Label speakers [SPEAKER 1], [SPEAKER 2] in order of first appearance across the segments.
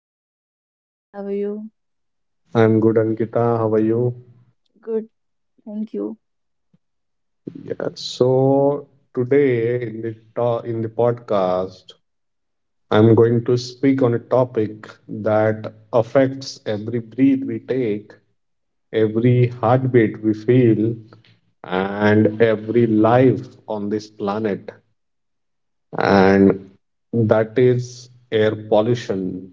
[SPEAKER 1] Hi Abhijit, how are you?
[SPEAKER 2] I'm good Ankita, how are you?
[SPEAKER 1] Good, thank you.
[SPEAKER 2] Yeah. So today in the in the podcast, I'm going to speak on a topic that affects every breath we take, every heartbeat we feel, and every life on this planet, and that is air pollution.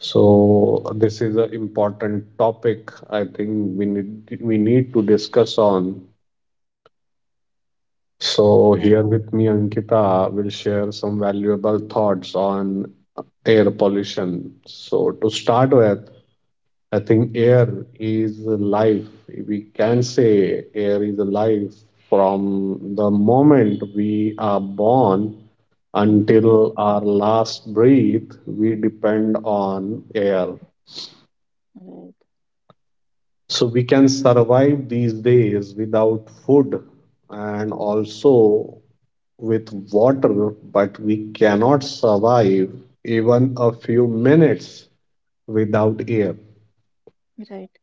[SPEAKER 2] So this is an important topic. I think we need to discuss on.
[SPEAKER 1] Right,
[SPEAKER 2] So here with me, Ankita will share some valuable thoughts on air pollution. So to start with, I think air is life. We can say air is life from the moment we are born
[SPEAKER 1] right,
[SPEAKER 2] until our last breath, we depend on air.
[SPEAKER 1] right,
[SPEAKER 2] So we can survive these days without food and also with water, but we cannot survive even a few minutes without air.
[SPEAKER 1] right,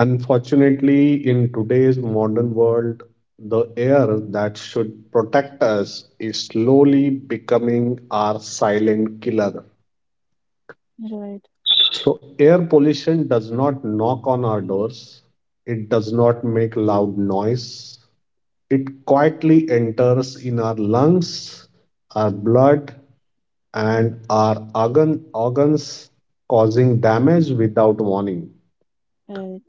[SPEAKER 2] Unfortunately, in today's modern world, the air that should protect us is slowly becoming our silent killer. So, air pollution does not knock on our doors, it does not make loud noise, it quietly enters in our lungs, our blood, and our organs, causing damage without warning.
[SPEAKER 1] right.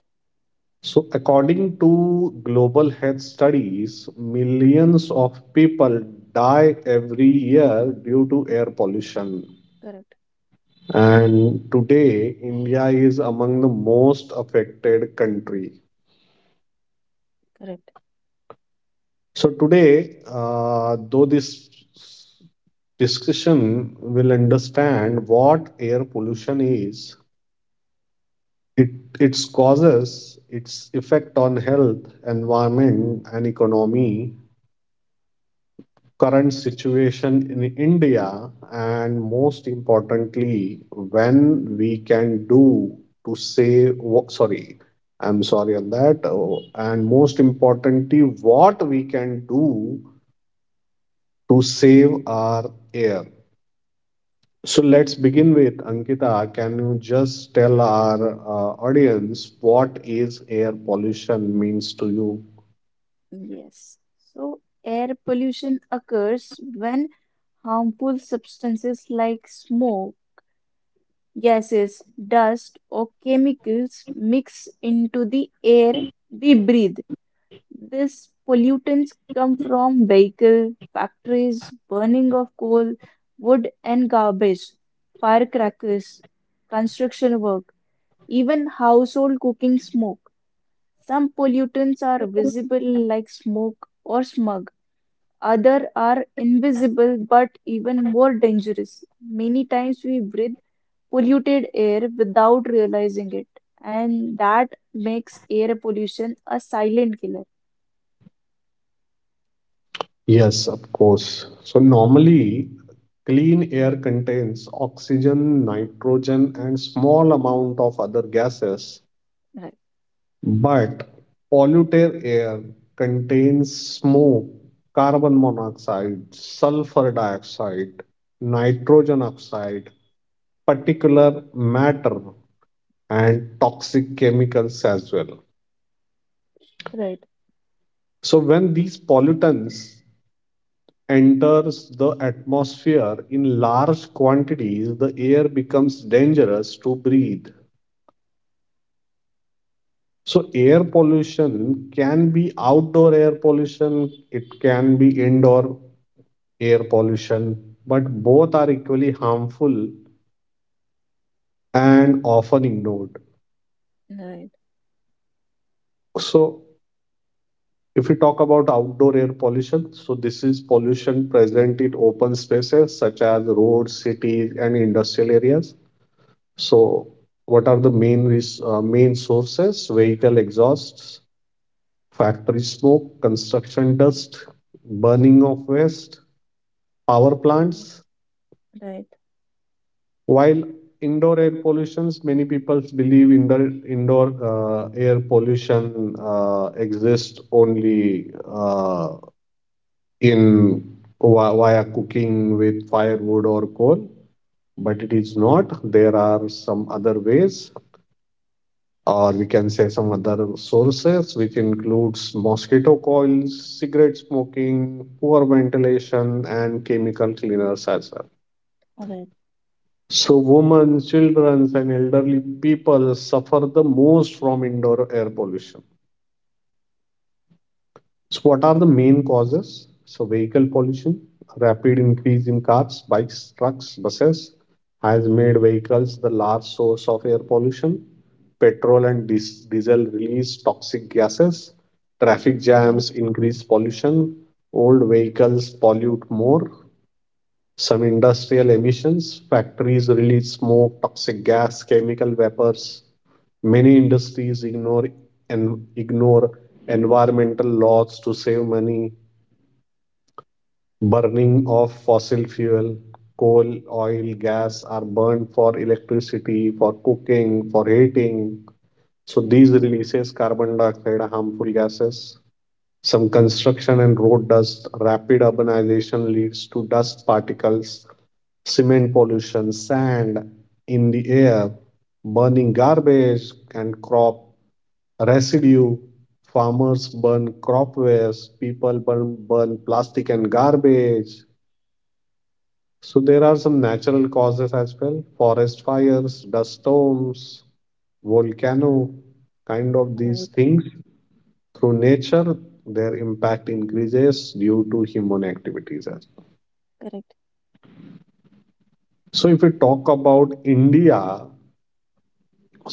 [SPEAKER 2] So, according to global health studies, millions of people die every year due to air pollution.
[SPEAKER 1] Correct,
[SPEAKER 2] And today, India is among the most affected country.
[SPEAKER 1] correct,
[SPEAKER 2] So today, though this discussion will understand what air pollution is, it, its causes, its effect on health, environment, and economy, current situation in India, and most importantly, when we can do to save. Wha- Sorry, I'm sorry on that. Oh, And most importantly, what we can do to save our air. So let's
[SPEAKER 1] correct.
[SPEAKER 2] begin with Ankita. Can you just tell our audience what is air pollution means to you?
[SPEAKER 1] Yes. So, air pollution occurs when harmful substances like smoke, gases, dust, or chemicals mix into the air we breathe. These pollutants come from vehicle, factories, burning of coal, wood and garbage, firecrackers, construction work, even household cooking smoke. Some pollutants are visible like smoke or smog. Other are invisible but even more dangerous. Many times we breathe polluted air without realizing it, and that makes air pollution a silent killer.
[SPEAKER 2] Yes, of course. So normally, clean air contains oxygen, nitrogen, and small amount of other gases.
[SPEAKER 1] Right.
[SPEAKER 2] But polluted air contains smoke, carbon monoxide, sulfur dioxide, nitrogen oxide, particulate matter, and toxic chemicals as well.
[SPEAKER 1] Right.
[SPEAKER 2] So when these pollutants enters the atmosphere in large quantities, the air becomes dangerous to breathe. So, air pollution can be outdoor air pollution, it can be indoor air pollution, but both are equally harmful and often ignored.
[SPEAKER 1] Right,
[SPEAKER 2] So, if we talk about outdoor air pollution, so this is pollution present in open spaces such as roads, cities, and industrial areas. So, what are the main sources? Vehicle exhausts, factory smoke, construction dust, burning of waste, power
[SPEAKER 1] right,
[SPEAKER 2] plants.
[SPEAKER 1] right,
[SPEAKER 2] While indoor air pollutions, many people believe indoor air pollution exists only in via cooking with firewood or coal, but it is not. There are some other ways, or we can say some other sources, which includes mosquito coils, cigarette smoking, poor ventilation, and chemical cleaners as well.
[SPEAKER 1] right,
[SPEAKER 2] So, women, children, and elderly people suffer the most from indoor air pollution. So, what are the main causes? So, vehicle pollution, rapid increase in cars, bikes, trucks, buses has made vehicles the large source of air pollution. Petrol and diesel release toxic gases. Traffic
[SPEAKER 1] right,
[SPEAKER 2] jams increase pollution. Old vehicles pollute more. Some industrial emissions, factories release smoke, toxic gas, chemical vapors. Many industries ignore environmental laws to save money. Burning of fossil fuel, coal, oil, gas are burned for electricity, for cooking, for heating. So
[SPEAKER 1] right,
[SPEAKER 2] these releases carbon dioxide, harmful gases. Some construction and road dust, rapid urbanization leads to dust particles, cement pollution, sand in the air, burning garbage and crop residue. Farmers burn crop waste, people burn plastic and garbage. So there are some natural causes as well, forest fires, dust storms, volcano, kind of these
[SPEAKER 1] right,
[SPEAKER 2] things through nature, their impact increases due to human activities as well.
[SPEAKER 1] correct,
[SPEAKER 2] So, if we talk about India,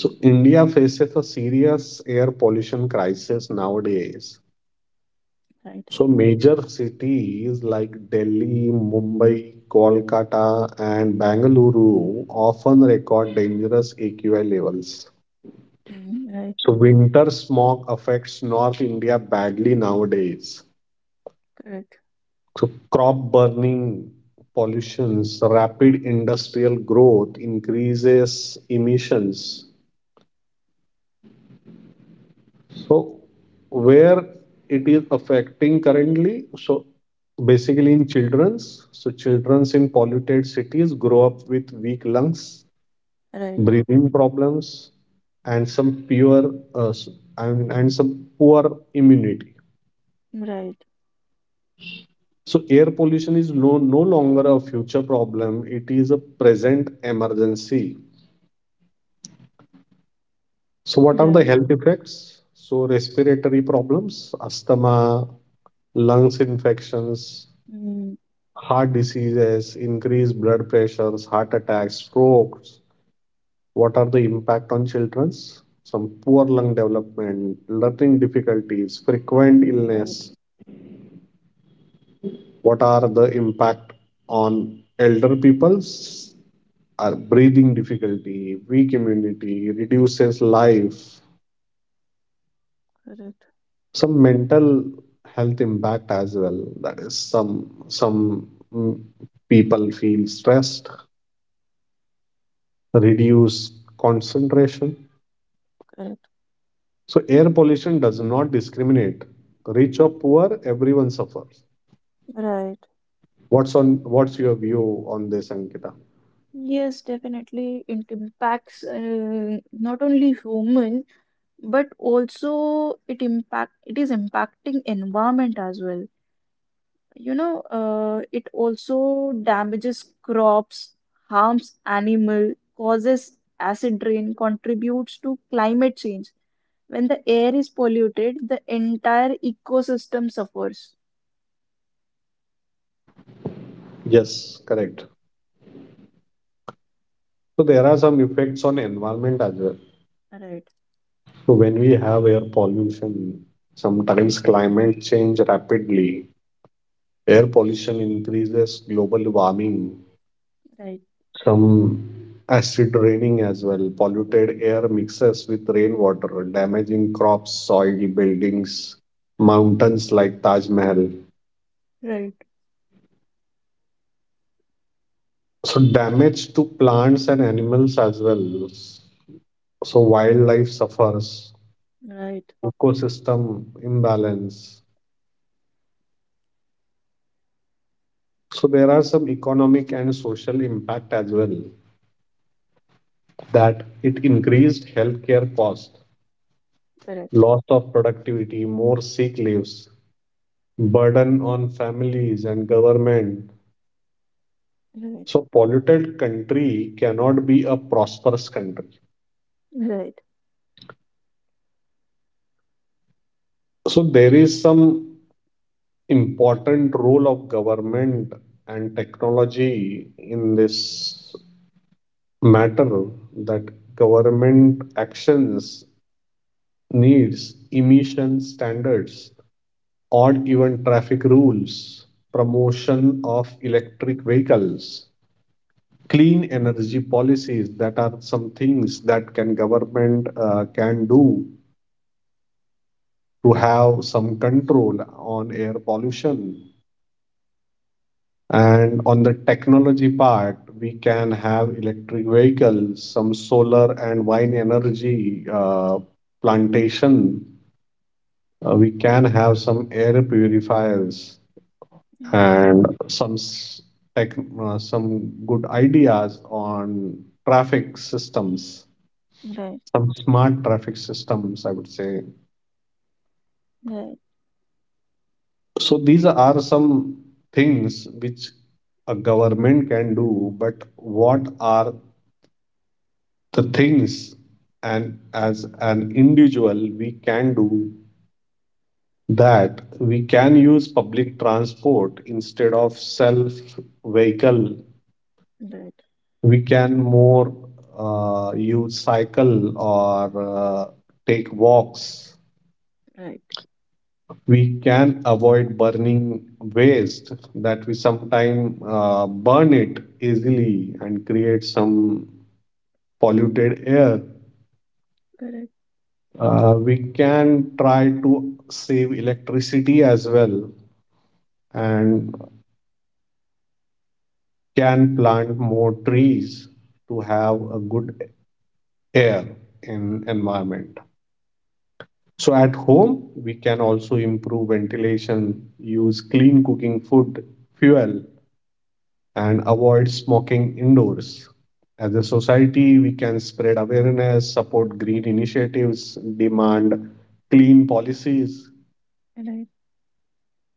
[SPEAKER 2] so India faces a serious air pollution crisis nowadays.
[SPEAKER 1] right,
[SPEAKER 2] So, major cities like Delhi, Mumbai, Kolkata, and Bangalore often record dangerous AQI levels.
[SPEAKER 1] mm, right,
[SPEAKER 2] So, winter smog affects North India badly nowadays.
[SPEAKER 1] correct,
[SPEAKER 2] So crop burning, pollutions, rapid industrial growth increases emissions. So where it is affecting currently, so basically in children's, so children's in polluted cities grow up with weak lungs,
[SPEAKER 1] right,
[SPEAKER 2] breathing problems, and some poor immunity.
[SPEAKER 1] right,
[SPEAKER 2] So air pollution is no longer a future problem, it is a present emergency. So, what are the
[SPEAKER 1] right,
[SPEAKER 2] health effects? So, respiratory problems, asthma, lungs infections,
[SPEAKER 1] mm,
[SPEAKER 2] heart diseases, increased blood pressures, heart attacks, strokes. What are the impact on childrens? Some poor lung development, learning difficulties, frequent
[SPEAKER 1] right,
[SPEAKER 2] illness. What are the impact on elder peoples? Are breathing difficulty, weak immunity, reduces life,
[SPEAKER 1] correct,
[SPEAKER 2] some mental health impact as well, that is mm, people feel stressed, reduce concentration.
[SPEAKER 1] correct,
[SPEAKER 2] So air pollution does not discriminate, rich or poor, everyone suffers.
[SPEAKER 1] right.
[SPEAKER 2] What's your view on this, Ankita?
[SPEAKER 1] Yes, definitely, it impacts not only human, but also it is impacting environment as well. It also damages crops, harms animal, causes acid rain, contributes to climate change. When the air is polluted, the entire ecosystem suffers.
[SPEAKER 2] Yes, correct. So there are some effects on environment as well.
[SPEAKER 1] Right,
[SPEAKER 2] So when we have air pollution, sometimes climate change rapidly, air pollution increases global warming.
[SPEAKER 1] right,
[SPEAKER 2] Some acid raining as well. Polluted air mixes with rainwater, damaging crops, soil, buildings, mountains like Taj Mahal.
[SPEAKER 1] right,
[SPEAKER 2] So damage to plants and animals as well. So wildlife suffers,
[SPEAKER 1] right,
[SPEAKER 2] ecosystem imbalance. So there are some economic and social impact as well, that it increased healthcare cost,
[SPEAKER 1] correct,
[SPEAKER 2] loss of productivity, more sick leaves, burden on families and government.
[SPEAKER 1] right,
[SPEAKER 2] So polluted country cannot be a prosperous country.
[SPEAKER 1] right,
[SPEAKER 2] So there is some important role of government and technology in this matter, that government actions needs emission standards or even traffic rules, promotion of electric vehicles, clean energy policies, that are some things that can government can do to have some control on air pollution. And on the technology part, we can have electric vehicles, some solar and wind energy plantation, we can have some air purifiers
[SPEAKER 1] right,
[SPEAKER 2] and some tech, some good ideas on traffic systems,
[SPEAKER 1] right,
[SPEAKER 2] some smart traffic systems, I would say.
[SPEAKER 1] right,
[SPEAKER 2] So these are some things which a government can do, but what are the things, and as an individual we can do, that we can use public transport instead of self vehicle.
[SPEAKER 1] right,
[SPEAKER 2] We can more use cycle or take walks,
[SPEAKER 1] right,
[SPEAKER 2] we can avoid burning waste that we sometimes burn it easily and create some polluted air.
[SPEAKER 1] correct,
[SPEAKER 2] We can try to save electricity as well and can plant more trees to have a good air in environment. So at home, we can also improve ventilation, use clean cooking food, fuel, and avoid smoking indoors. As a society, we can spread awareness, support green initiatives, demand clean policies.
[SPEAKER 1] right,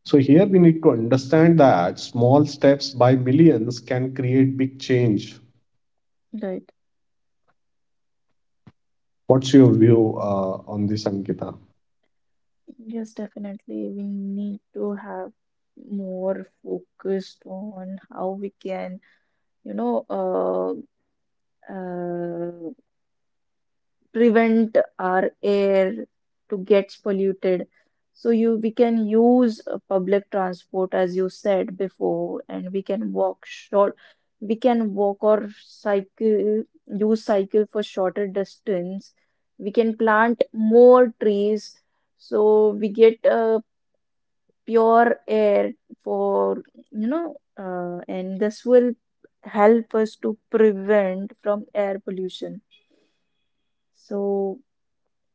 [SPEAKER 2] So, here we need to understand that small steps by millions can create big change.
[SPEAKER 1] right.
[SPEAKER 2] What's your view on this, Ankita?
[SPEAKER 1] Yes, definitely. We need to have more focused on how we can you know, uh, uh, prevent our air to gets polluted. So you we can use public transport as you said before, and we can walk short. We can walk or cycle, use cycle for shorter distance. We can plant more trees, so we get pure air for and this will help us to prevent from air pollution, so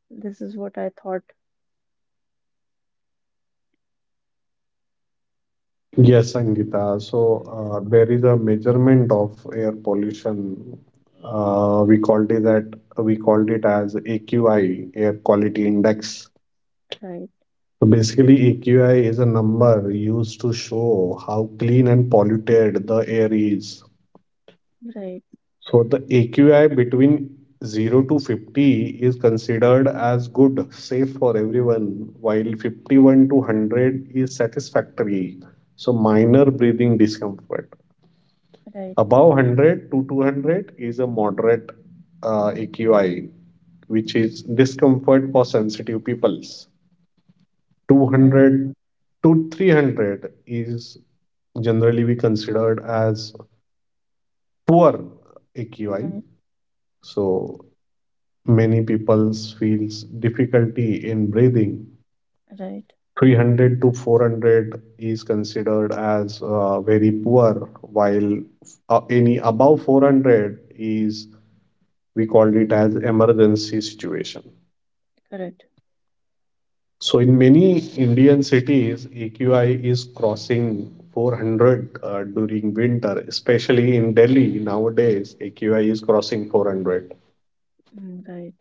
[SPEAKER 1] this is what I thought.
[SPEAKER 2] Yes, Angita. So
[SPEAKER 1] Yes,
[SPEAKER 2] there is a measurement of air pollution. Uh, we called it that we called it as AQI, Air Quality Index.
[SPEAKER 1] right,
[SPEAKER 2] So basically, AQI is a number used to show how clean and polluted the air is.
[SPEAKER 1] right,
[SPEAKER 2] So the AQI between 0 to 50 is considered as good, safe for everyone, while 51 to 100 is satisfactory, so minor breathing discomfort.
[SPEAKER 1] right,
[SPEAKER 2] Above 100 to 200 is a moderate AQI, which is discomfort for sensitive peoples.
[SPEAKER 1] right,
[SPEAKER 2] 200 to 300 is generally be considered as poor AQI.
[SPEAKER 1] right,
[SPEAKER 2] So many people feels difficulty in breathing.
[SPEAKER 1] right,
[SPEAKER 2] 300 to 400 is considered as very poor, while any above 400 is we called it as emergency situation.
[SPEAKER 1] correct,
[SPEAKER 2] So in many Indian cities, AQI is crossing 400 during winter, especially in Delhi nowadays, AQI is crossing 400.
[SPEAKER 1] mm, right,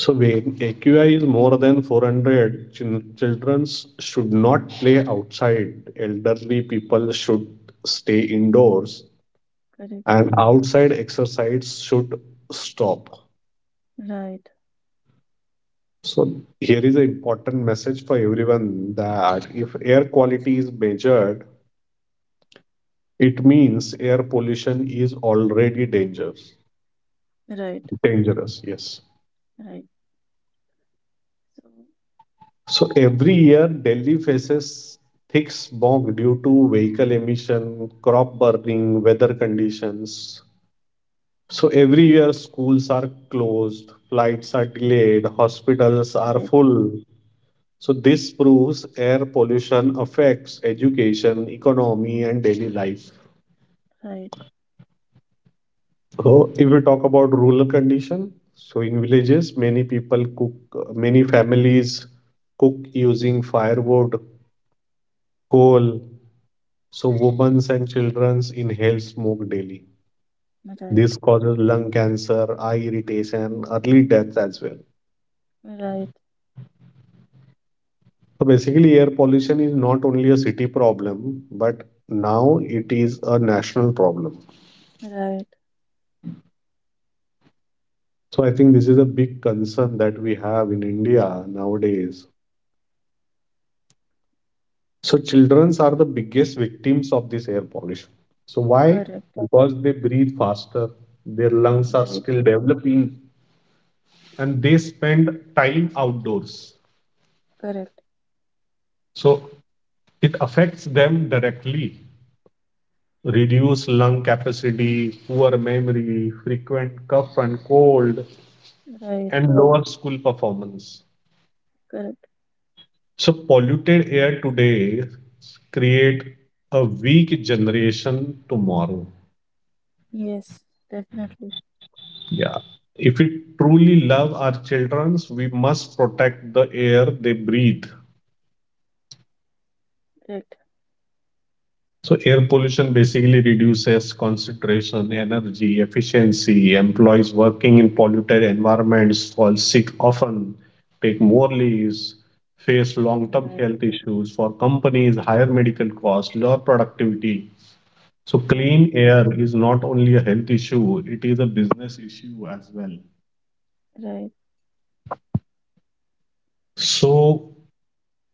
[SPEAKER 2] So when AQI is more than 400, children should not play outside. Elderly people should stay indoors,
[SPEAKER 1] correct,
[SPEAKER 2] and outside exercise should stop.
[SPEAKER 1] right,
[SPEAKER 2] So here is an important message for everyone that if air quality is measured, it means air pollution is already dangerous.
[SPEAKER 1] right,
[SPEAKER 2] Dangerous, yes.
[SPEAKER 1] right, so,
[SPEAKER 2] So every year, Delhi faces thick smog due to vehicle emission, crop burning, weather conditions. So every year, schools are closed, flights are delayed, hospitals
[SPEAKER 1] right,
[SPEAKER 2] are
[SPEAKER 1] right,
[SPEAKER 2] full. So this proves air pollution affects education, economy, and daily life. So, if we talk about rural condition, so in villages, many people cook, many families cook using firewood, coal. So women and children inhale smoke daily.
[SPEAKER 1] right,
[SPEAKER 2] This causes lung cancer, eye irritation, early death as well.
[SPEAKER 1] right,
[SPEAKER 2] So basically, air pollution is not only a city problem, but now it is a national problem.
[SPEAKER 1] right,
[SPEAKER 2] So I think this is a big concern that we have in India nowadays. So childrens are the biggest victims of this air pollution. So why?
[SPEAKER 1] correct,
[SPEAKER 2] Because they breathe faster, their lungs are
[SPEAKER 1] right,
[SPEAKER 2] still developing, and they spend time outdoors.
[SPEAKER 1] correct,
[SPEAKER 2] So it affects them directly. Reduced lung capacity, poor memory, frequent cough and cold,
[SPEAKER 1] right,
[SPEAKER 2] and lower school performance.
[SPEAKER 1] correct,
[SPEAKER 2] So polluted air today create a weak generation tomorrow.
[SPEAKER 1] yes, definitely,
[SPEAKER 2] Yeah. If we truly love our children, we must protect the air they breathe.
[SPEAKER 1] correct,
[SPEAKER 2] So, air pollution basically reduces concentration, energy, efficiency. Employees working in polluted environments fall sick often, take more leaves, face long term
[SPEAKER 1] right,
[SPEAKER 2] health issues. For companies, higher medical costs, lower productivity. So,
[SPEAKER 1] right.
[SPEAKER 2] clean air is not only a health issue, it is a business issue as well.
[SPEAKER 1] Right.
[SPEAKER 2] So,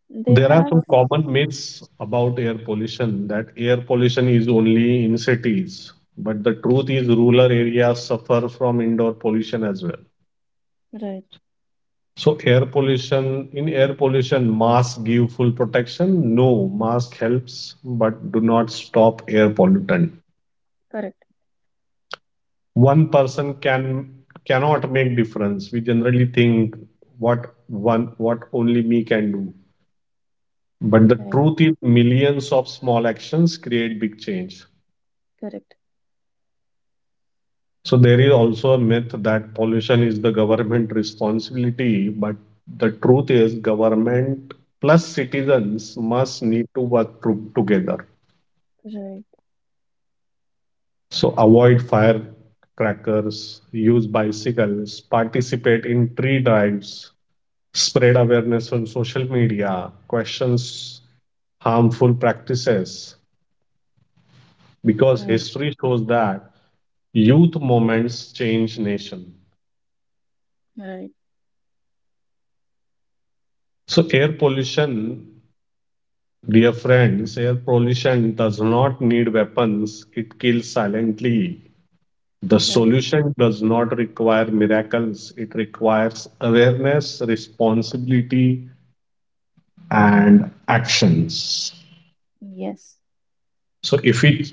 [SPEAKER 1] They
[SPEAKER 2] there are
[SPEAKER 1] have
[SPEAKER 2] some common myths about air pollution, that air pollution is only in cities, but the truth is rural areas suffer from indoor pollution as well.
[SPEAKER 1] Right.
[SPEAKER 2] So air pollution, in air pollution, mask give full protection. No, mask helps, but do not stop air pollutant.
[SPEAKER 1] Correct.
[SPEAKER 2] One person cannot make difference. We generally think what only me can do. But the
[SPEAKER 1] Right.
[SPEAKER 2] truth is millions of small actions create big change.
[SPEAKER 1] Correct.
[SPEAKER 2] So there is also a myth that pollution is the government responsibility, but the truth is government plus citizens must need to work together.
[SPEAKER 1] Right.
[SPEAKER 2] So avoid firecrackers, use bicycles, participate in tree drives, spread awareness on social media, questions harmful practices, because
[SPEAKER 1] Right.
[SPEAKER 2] history shows that youth moments change nation.
[SPEAKER 1] Right.
[SPEAKER 2] So air pollution, dear friends, air pollution does not need weapons, it kills silently. The
[SPEAKER 1] Right.
[SPEAKER 2] solution does not require miracles, it requires awareness, responsibility, and actions.
[SPEAKER 1] Yes.
[SPEAKER 2] So, if we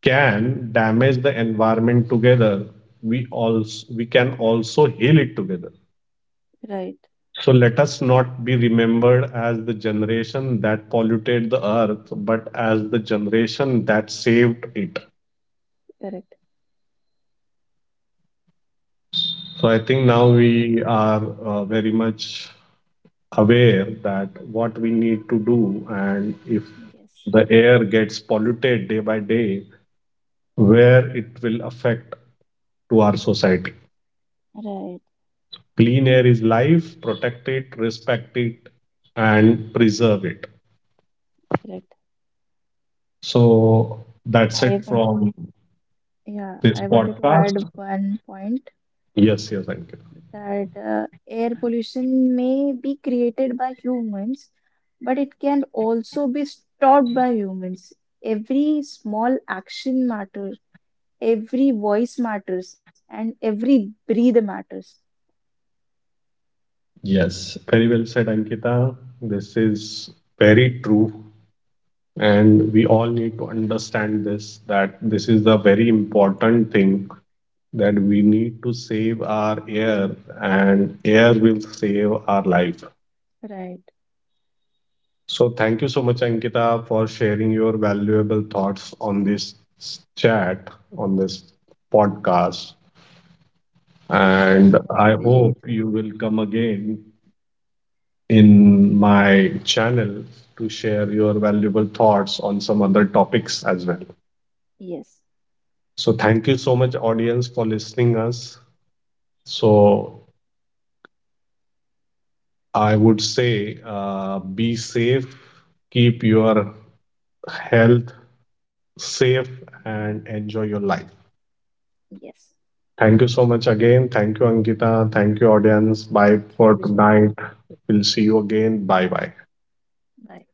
[SPEAKER 2] can damage the environment together, we can also heal it together.
[SPEAKER 1] Right.
[SPEAKER 2] So, let us not be remembered as the generation that polluted the earth, but as the generation that saved it.
[SPEAKER 1] Correct.
[SPEAKER 2] So I think now
[SPEAKER 1] I
[SPEAKER 2] we are very much aware that what we need to do, and if
[SPEAKER 1] Yes.
[SPEAKER 2] the air gets polluted day by day, where it will affect to our society.
[SPEAKER 1] Right.
[SPEAKER 2] Clean air is life. Protect it, respect it, and preserve it.
[SPEAKER 1] Correct.
[SPEAKER 2] So that's
[SPEAKER 1] I
[SPEAKER 2] it
[SPEAKER 1] wanted
[SPEAKER 2] from
[SPEAKER 1] Yeah,
[SPEAKER 2] this
[SPEAKER 1] I wanted to add
[SPEAKER 2] podcast.
[SPEAKER 1] one point
[SPEAKER 2] Yes, yes, Ankita.
[SPEAKER 1] that air pollution may be created by humans, but it can also be stopped by humans. Every small action matters, every voice matters, and every breathe matters.
[SPEAKER 2] Yes, very well said, Ankita. This is very true. And we all need to understand this, that this is the very important thing, that we need to save our air and air will save our life.
[SPEAKER 1] Right.
[SPEAKER 2] So thank you so much Ankita for sharing your valuable thoughts on this chat, on this podcast,
[SPEAKER 1] Thank
[SPEAKER 2] and
[SPEAKER 1] you so
[SPEAKER 2] I
[SPEAKER 1] much,
[SPEAKER 2] hope
[SPEAKER 1] Abhijit.
[SPEAKER 2] you will come again in my channel to share your valuable thoughts on some other topics as well.
[SPEAKER 1] Yes,
[SPEAKER 2] So thank you so much, audience, for listening us. So I would say, be safe, keep your health safe, and enjoy your life.
[SPEAKER 1] yes.
[SPEAKER 2] Thank you so much again. Thank you, Ankita. Thank you, audience. Bye
[SPEAKER 1] Thank
[SPEAKER 2] for
[SPEAKER 1] you, Abhijit.
[SPEAKER 2] tonight. We'll see you again. Bye bye.
[SPEAKER 1] Bye.